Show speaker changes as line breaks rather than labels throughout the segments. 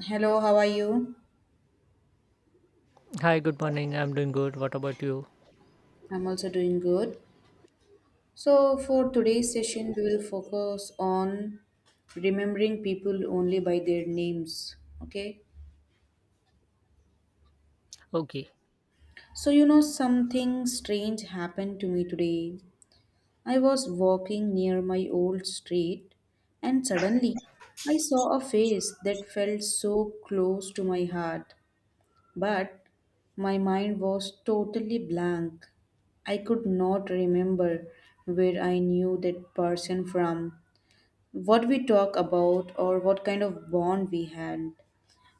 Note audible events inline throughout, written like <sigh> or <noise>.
Hello, how are you?
Hi, good morning. I'm doing good. What about you?
I'm also doing good. So, for today's session, we will focus on remembering people only by their names. Okay.
Okay.
So, you know, something strange happened to me today. I was walking near my old street, and suddenly I saw a face that felt so close to my heart. But my mind was totally blank. I could not remember where I knew that person from, what we talked about, or what kind of bond we had.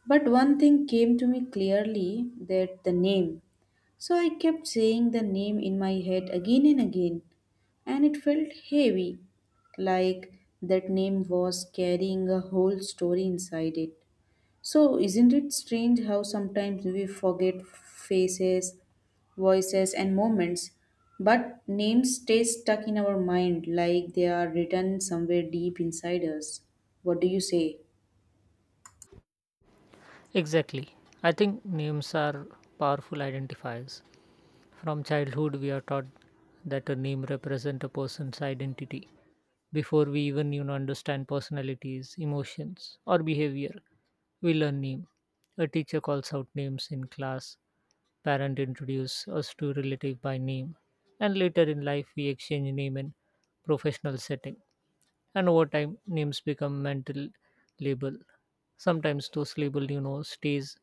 But one thing came to me clearly that the name. So I kept saying the name in my head again and again, and it felt heavy, like that name was carrying a whole story inside it. So, isn't it strange how sometimes we forget faces, voices, and moments, but names stay stuck in our mind like they are written somewhere deep inside us? What do you say?
Exactly. I think names are powerful identifiers. From childhood, we are taught that a name represents a person's identity before we even understand personalities, emotions, or behavior. We learn name. A teacher calls out names in class. Parent introduce us to relative by name, and later in life we exchange name in professional setting. And over time, names become mental label. Sometimes those label stays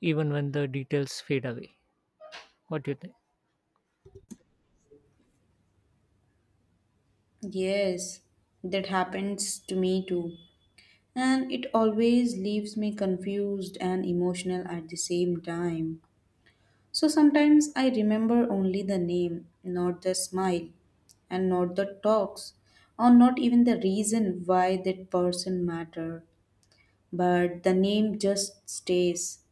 even when the details fade away. What do you think?
Yes, that happens to me too. And it always leaves me confused and emotional at the same time. So sometimes I remember only the name, not the smile, and not the talks, or not even the reason why that person mattered. But the name just stays.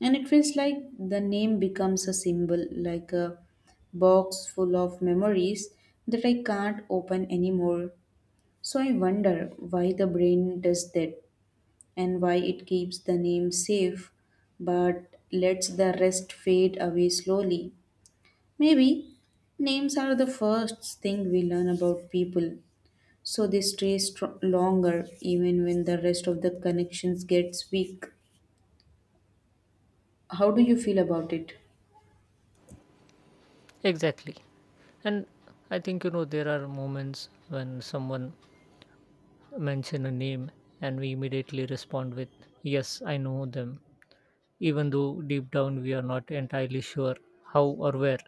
And it feels like the name becomes a symbol, like a box full of memories that I can't open anymore. So I wonder why the brain does that and why it keeps the name safe but lets the rest fade away slowly. Maybe names are the first thing we learn about people, so they stay longer even when the rest of the connections gets weak. How do you feel about it?
Exactly. And I think, there are moments when someone mention a name and we immediately respond with, yes, I know them, even though deep down we are not entirely sure how or where.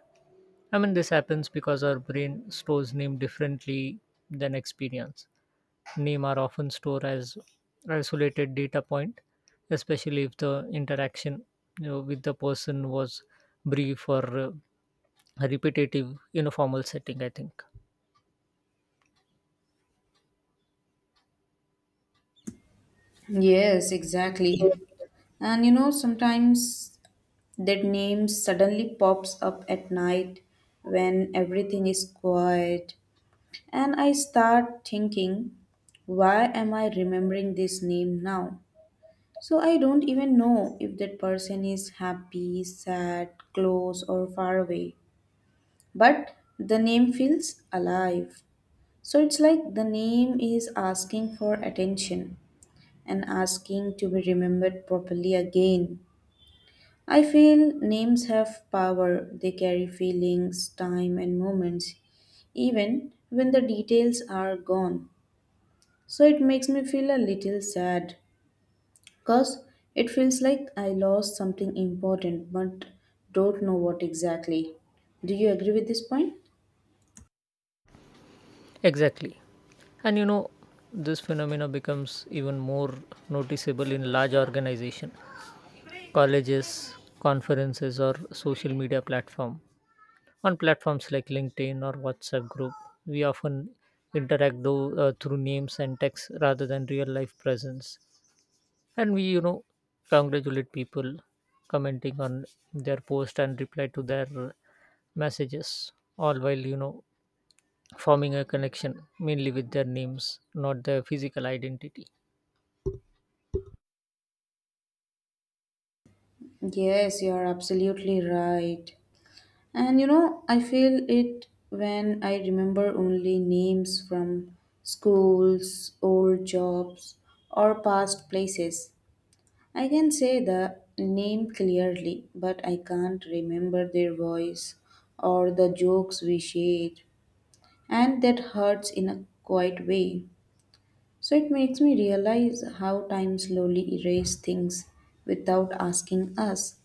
I mean, this happens because our brain stores name differently than experience. Name are often stored as isolated data point, especially if the interaction with the person was brief or repetitive in a formal setting, I think.
Yes, exactly. And you know, sometimes that name suddenly pops up at night when everything is quiet. And I start thinking, why am I remembering this name now? So I don't even know if that person is happy, sad, close, or far away. But the name feels alive. So it's like the name is asking for attention and asking to be remembered properly again. I feel names have power, they carry feelings, time, and moments, even when the details are gone. So it makes me feel a little sad, cause it feels like I lost something important but don't know what exactly. Do you agree with this point?
Exactly. And this phenomena becomes even more noticeable in large organizations, colleges, conferences, or social media platform. On platforms like LinkedIn or WhatsApp group, we often interact through names and text rather than real life presence. And we, congratulate people commenting on their post and reply to their messages, all while, forming a connection mainly with their names, not their physical identity.
Yes, you are absolutely right. And you know, I feel it when I remember only names from schools, old jobs, or past places. I can say the name clearly, but I can't remember their voice or the jokes we shared. And that hurts in a quiet way. So it makes me realize how time slowly erases things without asking us.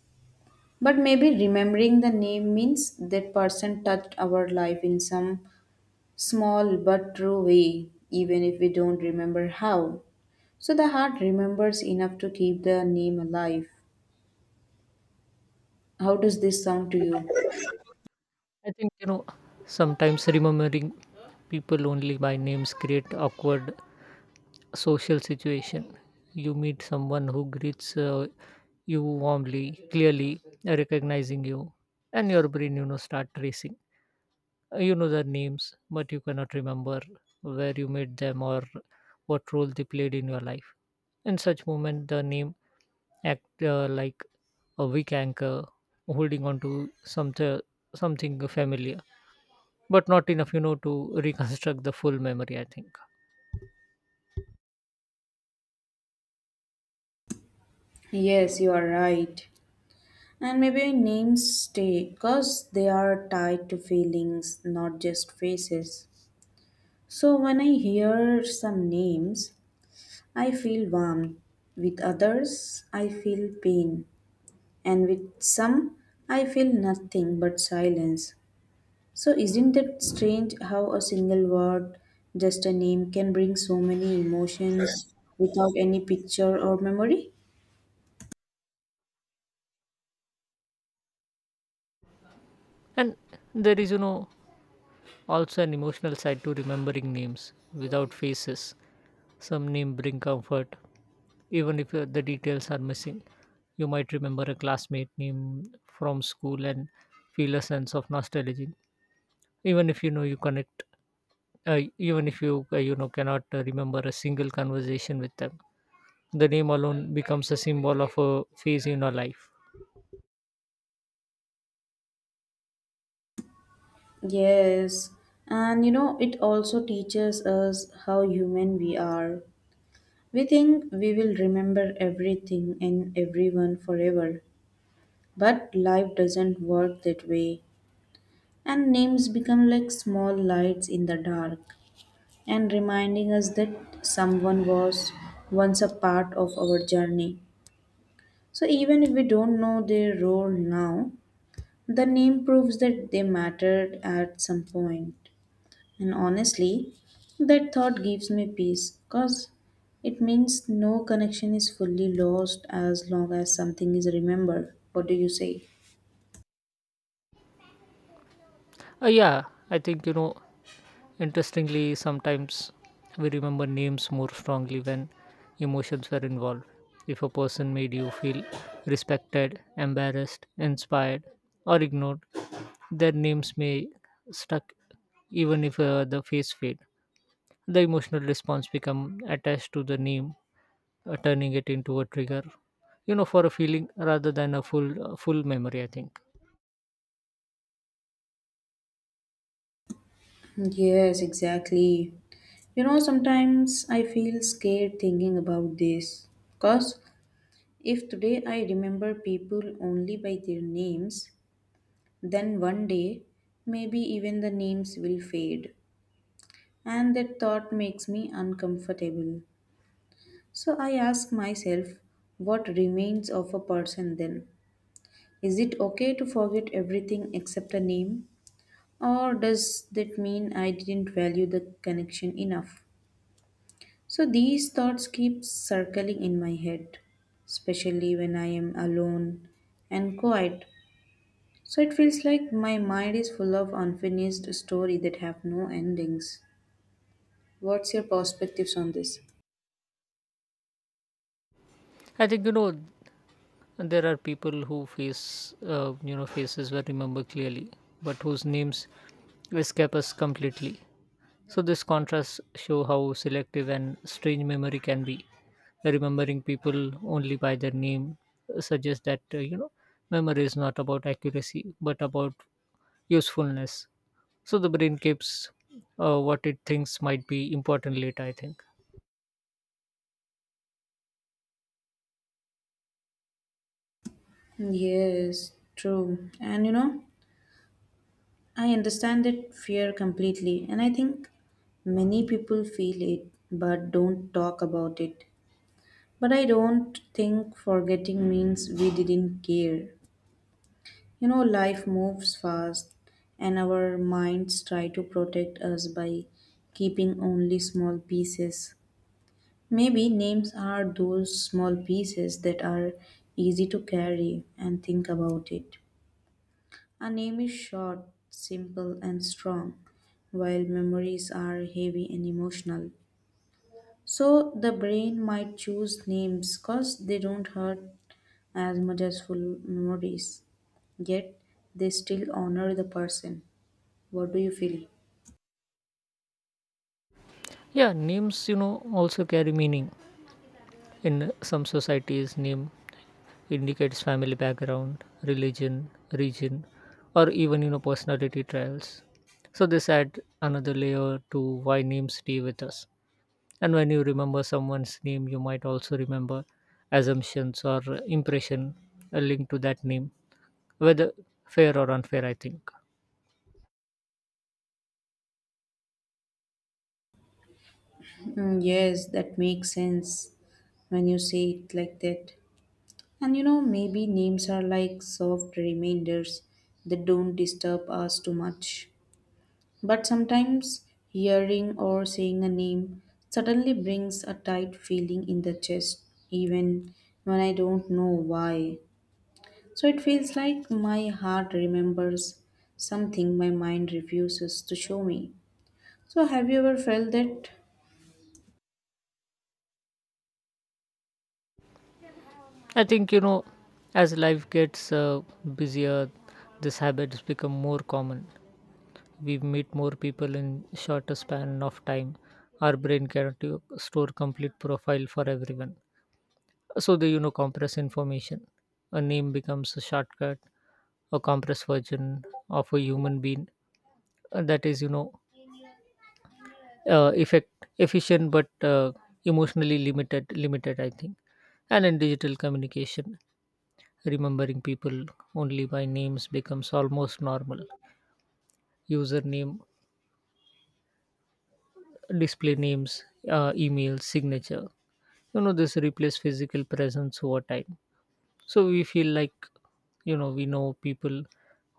But maybe remembering the name means that person touched our life in some small but true way, even if we don't remember how. So the heart remembers enough to keep the name alive. How does this sound to you?
I think sometimes remembering people only by names create awkward social situation. You meet someone who greets you warmly, clearly recognizing you, and your brain start racing. You know their names, but you cannot remember where you met them or what role they played in your life. In such moment, the name act like a weak anchor holding on to something familiar, but not enough, to <laughs> reconstruct the full memory, I think.
Yes, you are right. And maybe names stay because they are tied to feelings, not just faces. So when I hear some names, I feel warmth. With others, I feel pain. And with some, I feel nothing but silence. So isn't it strange how a single word, just a name, can bring so many emotions without any picture or memory?
And there is, also an emotional side to remembering names without faces. Some name bring comfort, even if the details are missing. You might remember a classmate name from school and feel a sense of nostalgia, even if you know you connect, even if you you know cannot remember a single conversation with them. The name alone becomes a symbol of a phase in your life.
Yes, and you know, it also teaches us how human we are. We think we will remember everything and everyone forever, but life doesn't work that way, and names become like small lights in the dark and reminding us that someone was once a part of our journey. So, even if we don't know their role now, the name proves that they mattered at some point. And honestly, that thought gives me peace because it means no connection is fully lost as long as something is remembered. What do you say?
Yeah, I think interestingly, sometimes we remember names more strongly when emotions were involved. If a person made you feel respected, embarrassed, inspired, or ignored, their names may stuck even if the face fade. The emotional response become attached to the name, turning it into a trigger for a feeling rather than a full memory, I think.
Yes, exactly. You know, sometimes I feel scared thinking about this. Because if today I remember people only by their names, then one day maybe even the names will fade. And that thought makes me uncomfortable. So I ask myself, what remains of a person then? Is it okay to forget everything except a name? Or does that mean I didn't value the connection enough? So these thoughts keep circling in my head, especially when I am alone and quiet. So it feels like my mind is full of unfinished story that have no endings. What's your perspectives on this?
I think you know And there are people who faces were remember clearly but whose names escape us completely. So this contrast show how selective and strange memory can be. Remembering people only by their name suggests that memory is not about accuracy but about usefulness. So the brain keeps what it thinks might be important later, I think.
Yes, true. And you know, I understand that fear completely, and I think many people feel it but don't talk about it. But I don't think forgetting means we didn't care. You know, life moves fast, and our minds try to protect us by keeping only small pieces. Maybe names are those small pieces that are easy to carry and think about it. A name is short, simple, and strong, while memories are heavy and emotional. So the brain might choose names because they don't hurt as much as full memories. Yet they still honor the person. What do you feel?
Yeah, names also carry meaning. In some societies, name indicates family background, religion, region, or even personality traits. So this add another layer to why names stay with us. And when you remember someone's name, you might also remember assumptions or impression linked to that name, whether fair or unfair, I think.
Mm, yes, that makes sense when you say it like that. And you know, maybe names are like soft reminders that don't disturb us too much. But sometimes hearing or seeing a name suddenly brings a tight feeling in the chest, even when I don't know why. So it feels like my heart remembers something my mind refuses to show me. So have you ever felt that?
I think as life gets busier, these habits become more common. We meet more people in shorter span of time. Our brain cannot store complete profile for everyone, so they compress information. A name becomes a shortcut, a compressed version of a human being that is you know effect efficient but emotionally limited, I think. And in digital communication, remembering people only by names becomes almost normal. Username, display names, email signature, this replace physical presence over time. So we feel like we know people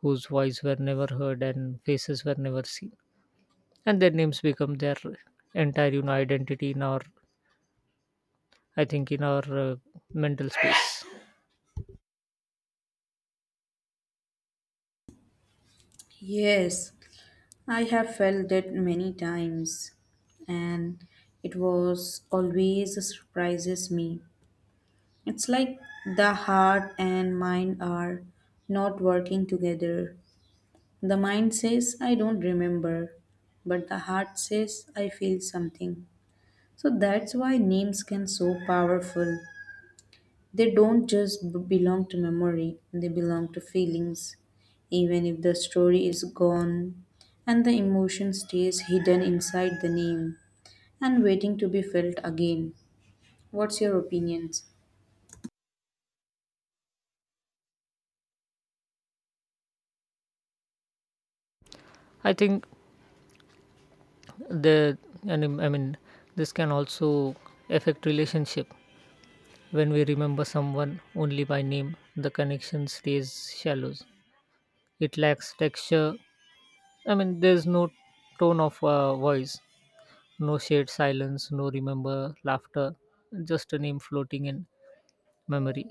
whose voice were never heard and faces were never seen, and their names become their entire identity in our mental space.
Yes, I have felt that many times and it was always surprises me. It's like the heart and mind are not working together. The mind says, I don't remember, but the heart says, I feel something. So that's why names can so powerful. They don't just belong to memory, they belong to feelings. Even if the story is gone and the emotion stays hidden inside the name and waiting to be felt again. What's your opinion?
I think the and I mean this can also affect relationship. When we remember someone only by name, the connection stays shallow. It lacks texture. I mean, there's no tone of voice. No shared silence, no remember laughter, just a name floating in memory.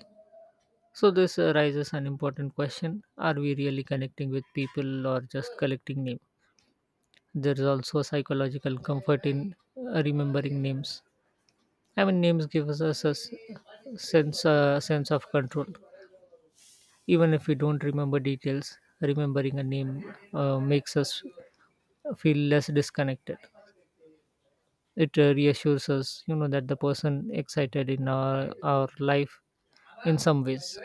So, this raises an important question. Are we really connecting with people or just collecting names? There is also psychological comfort in remembering names. I mean, names give us a sense of control. Even if we don't remember details, remembering a name makes us feel less disconnected. It reassures us, that the person excited in our life in some ways.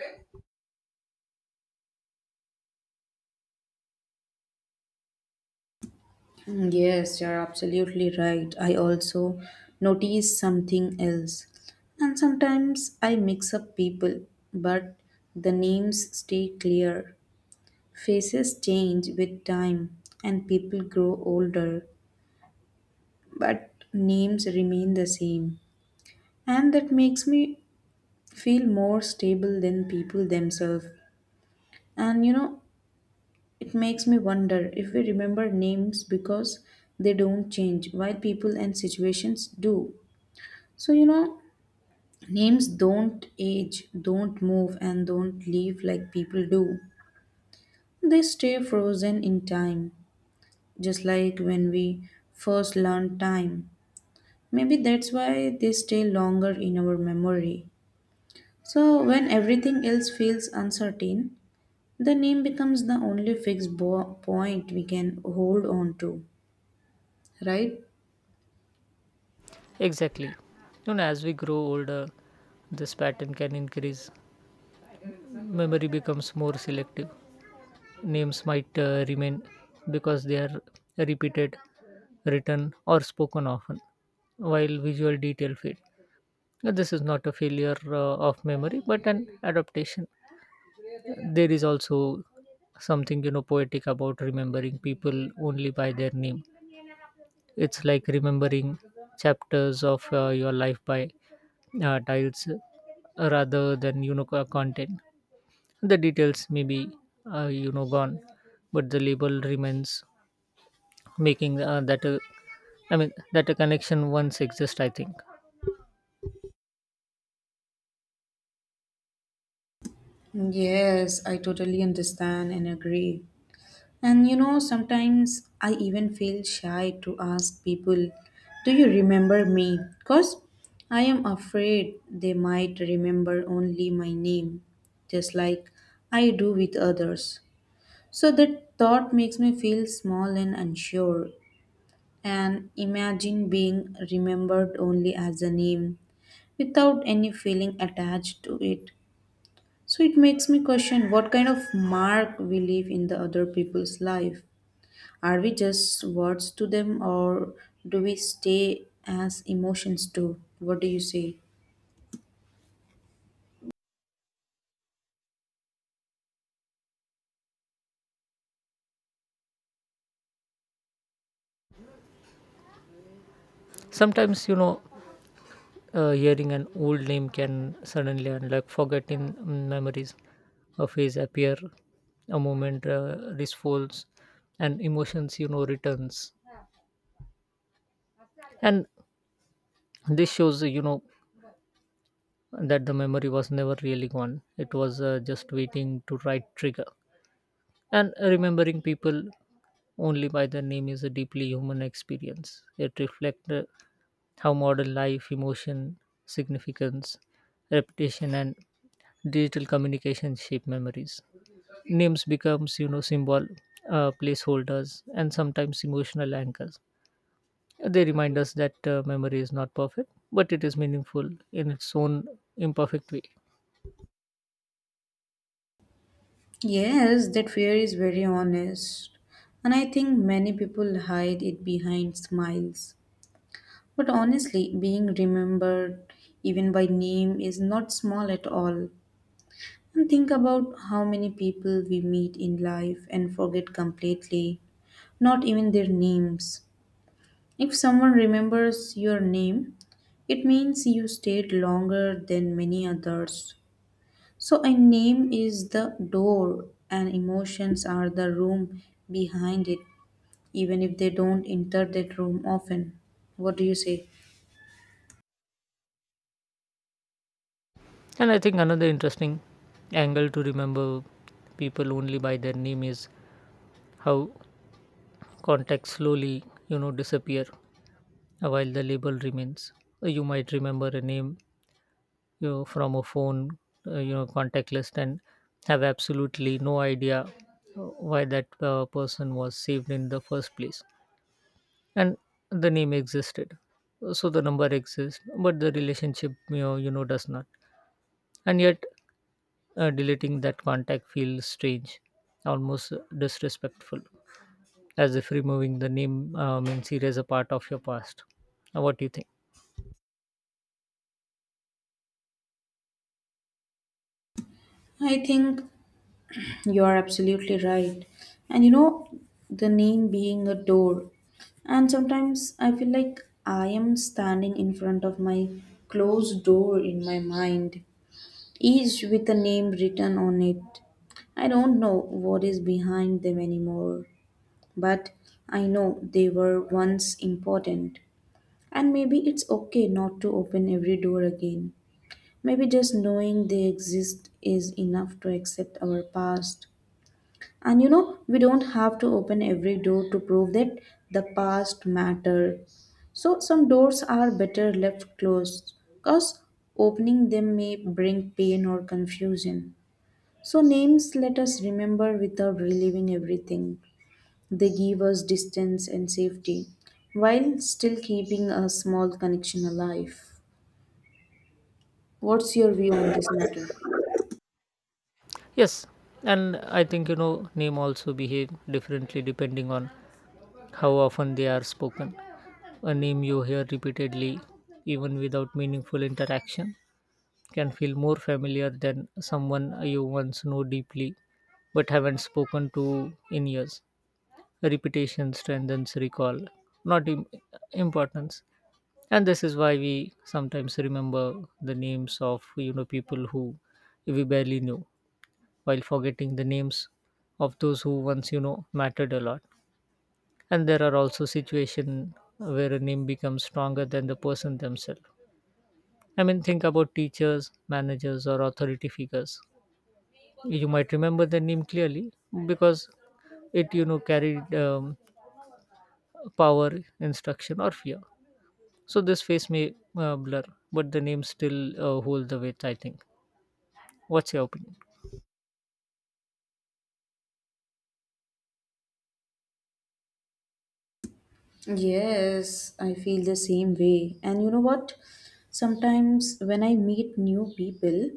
Mm, yes, you're absolutely right. I also notice something else. And sometimes I mix up people, but the names stay clear. Faces change with time, and people grow older, but names remain the same. And that makes me feel more stable than people themselves. And you know, it makes me wonder if we remember names because they don't change, while people and situations do. So, you know, names don't age, don't move, and don't leave like people do. They stay frozen in time, just like when we first learned time. Maybe that's why they stay longer in our memory. So, when everything else feels uncertain, the name becomes the only fixed point we can hold on to, right?
Exactly, as we grow older, this pattern can increase. Memory becomes more selective. Names might remain because they are repeated, written or spoken often, while visual detail fade. Now, this is not a failure of memory but an adaptation. There is also something poetic about remembering people only by their name. It's like remembering chapters of your life by tiles rather than content. The details may be gone, but the label remains, making that a connection once exists, I think.
Yes, I totally understand and agree. And you know, sometimes I even feel shy to ask people, do you remember me? Because I am afraid they might remember only my name, just like I do with others. So that thought makes me feel small and unsure. And imagine being remembered only as a name without any feeling attached to it. So it makes me question what kind of mark we leave in the other people's life. Are we just words to them or do we stay as emotions too? What do you say?
Sometimes hearing an old name can suddenly unlock forgotten memories. A face appear, a moment refolds, and emotions returns. And this shows that the memory was never really gone. It was just waiting to right trigger. And remembering people only by their name is a deeply human experience. It reflects how modern life, emotion, significance, reputation, and digital communication shape memories. Names becomes, symbol, placeholders, and sometimes emotional anchors. They remind us that memory is not perfect, but it is meaningful in its own imperfect way.
Yes, that fear is very honest. And I think many people hide it behind smiles. But honestly, being remembered even by name is not small at all. And think about how many people we meet in life and forget completely, not even their names. If someone remembers your name, it means you stayed longer than many others. So, a name is the door, and emotions are the room behind it, even if they don't enter that room often. What do you say?
And I think another interesting angle to remember people only by their name is how contacts slowly, disappear while the label remains. You might remember a name from a phone, contact list, and have absolutely no idea why that person was saved in the first place. And the name existed, so the number exists, but the relationship, does not. And yet, deleting that contact feels strange, almost disrespectful, as if removing the name means erase a part of your past. What do you think?
I think you are absolutely right. And you know, the name being a door. And sometimes I feel like I am standing in front of my closed door in my mind, each with a name written on it. I don't know what is behind them anymore, but I know they were once important. And maybe it's okay not to open every door again. Maybe just knowing they exist is enough to accept our past. And you know, we don't have to open every door to prove that the past mattered. So some doors are better left closed because opening them may bring pain or confusion. So, names let us remember without reliving everything. They give us distance and safety while still keeping a small connection alive. What's your view on this matter?
Yes, and I think name also behave differently depending on how often they are spoken. A name you hear repeatedly, even without meaningful interaction, can feel more familiar than someone you once know deeply but haven't spoken to in years. Repetition strengthens recall, not importance. And this is why we sometimes remember the names of people who we barely knew while forgetting the names of those who once mattered a lot. And there are also situations where a name becomes stronger than the person themselves. I mean, think about teachers, managers, or authority figures. You might remember the name clearly because it carried power, instruction, or fear. So this face may blur, but the name still hold the weight, I think. What's your opinion?
Yes, I feel the same way. And you know what? Sometimes when I meet new people,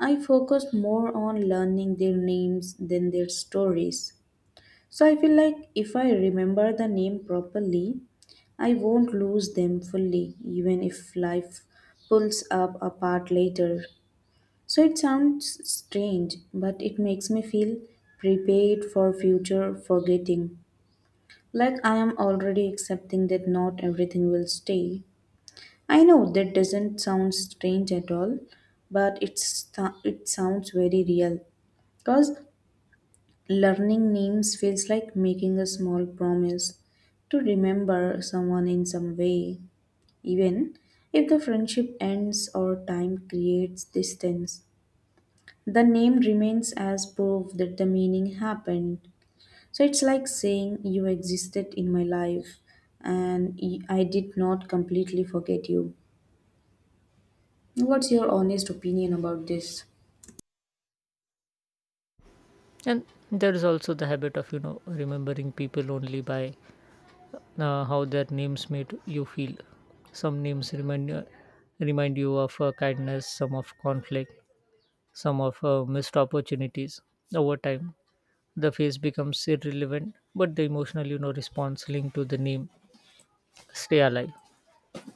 I focus more on learning their names than their stories. So I feel like if I remember the name properly, I won't lose them fully, even if life pulls up apart later. So it sounds strange, but it makes me feel prepared for future forgetting. Like I am already accepting that not everything will stay. I know that doesn't sound strange at all, but it sounds very real because learning names feels like making a small promise to remember someone in some way, even if the friendship ends or time creates distance. The name remains as proof that the meaning happened. So it's like saying you existed in my life and I did not completely forget you. What's your honest opinion about this?
And there is also the habit of remembering people only by how their names made you feel. Some names remind you of kindness, some of conflict, some of missed opportunities. Over time, the face becomes irrelevant, but the emotional response linked to the name stay alive.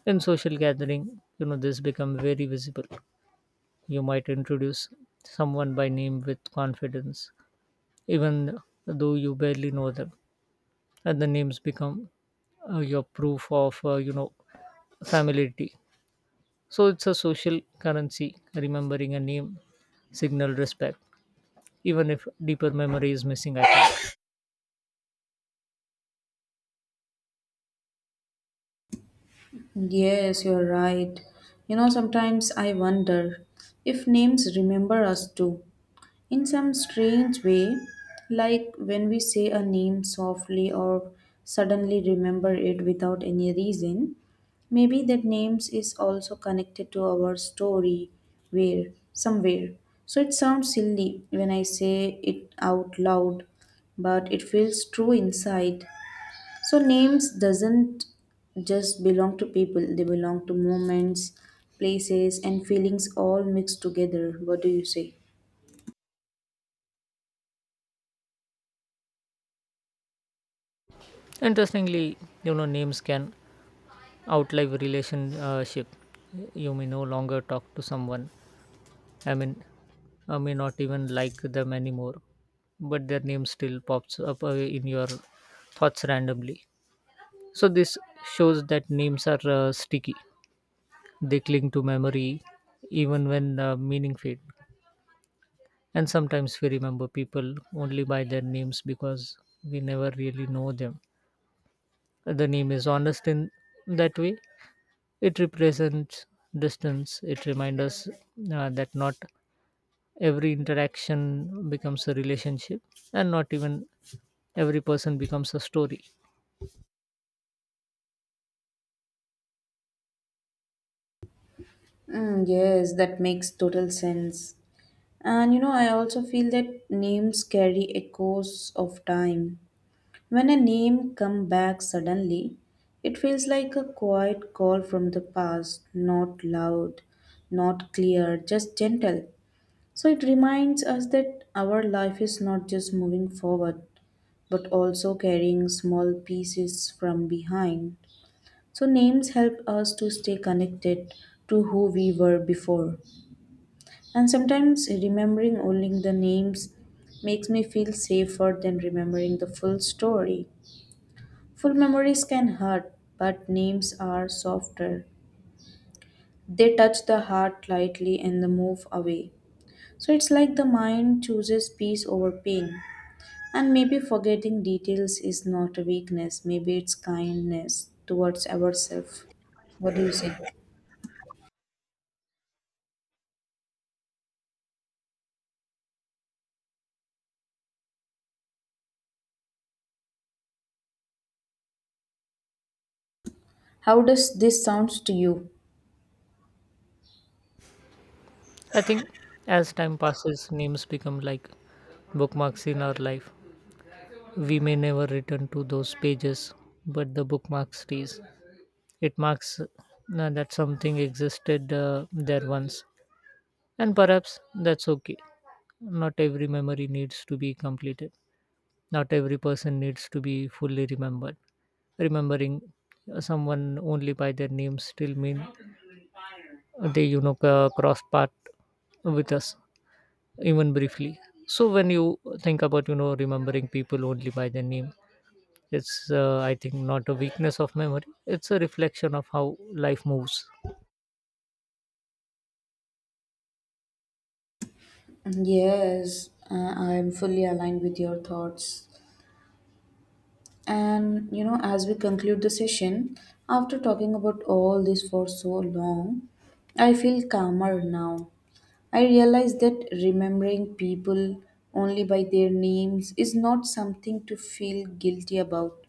In social gathering, this become very visible. You might introduce someone by name with confidence, even though you barely know them, and the names become your proof of familiarity. So it's a social currency. Remembering a name signal respect, even if deeper memory is missing, I think.
Yes, you're right. You know, sometimes I wonder if names remember us too, in some strange way, like when we say a name softly or suddenly remember it without any reason. Maybe that names is also connected to our story where somewhere. So it sounds silly when I say it out loud, but it feels true inside. So names doesn't just belong to people, they belong to moments, places and feelings all mixed together. What do you say?
Interestingly, names can outlive relationship. You may no longer talk to someone. I mean, I may not even like them anymore, but their name still pops up in your thoughts randomly. So this shows that names are sticky. They cling to memory even when meaning fade. And sometimes we remember people only by their names because we never really know them. The name is honest in that way. It represents distance. It reminds us that not every interaction becomes a relationship and not even every person becomes a story.
Mm, yes, that makes total sense. And you know, I also feel that names carry echoes of time. When a name come back suddenly, it feels like a quiet call from the past, not loud, not clear, just gentle. So it reminds us that our life is not just moving forward, but also carrying small pieces from behind. So names help us to stay connected to who we were before. And sometimes remembering only the names makes me feel safer than remembering the full story. Full memories can hurt, but names are softer. They touch the heart lightly and then move away. So it's like the mind chooses peace over pain. And maybe forgetting details is not a weakness, maybe it's kindness towards ourselves. What do you say? How does this sounds to you?
I think as time passes, names become like bookmarks in our life. We may never return to those pages, but the bookmark stays. It marks that something existed there once. And perhaps that's okay. Not every memory needs to be completed. Not every person needs to be fully remembered. Remembering someone only by their name still mean they cross path with us even briefly. So when you think about remembering people only by their name, it's I think not a weakness of memory. It's a reflection of how life moves.
Yes, I am fully aligned with your thoughts. And you know, as we conclude the session, after talking about all this for so long, I feel calmer now. I realize that remembering people only by their names is not something to feel guilty about.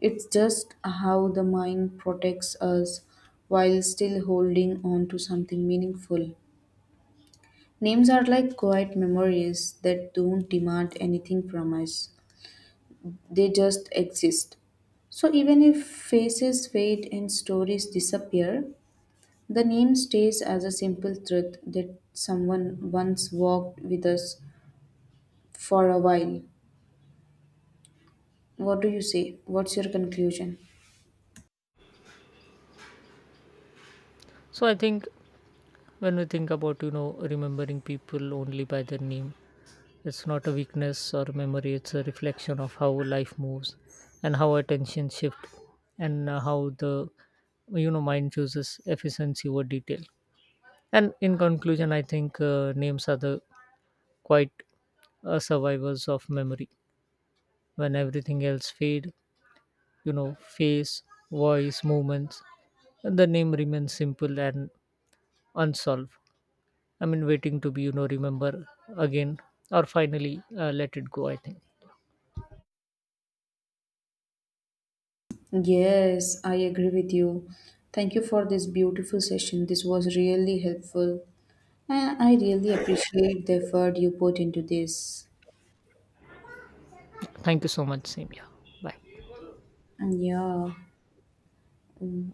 It's just how the mind protects us while still holding on to something meaningful. Names are like quiet memories that don't demand anything from us, they just exist. So even if faces fade and stories disappear, the name stays as a simple truth that someone once walked with us for a while. What do you say? What's your conclusion?
So I think when we think about remembering people only by their name, it's not a weakness or memory. It's a reflection of how life moves, and how attention shift, and how the mind chooses efficiency over detail. And in conclusion, I think names are the quite survivors of memory. When everything else fade, face, voice, movements, and the name remains simple and unsolved. I mean, waiting to be, remember again or finally let it go, I think.
Yes, I agree with you. Thank you for this beautiful session. This was really helpful. And I really appreciate the effort you put into this.
Thank you so much, Samia. Bye.
And yeah, mm,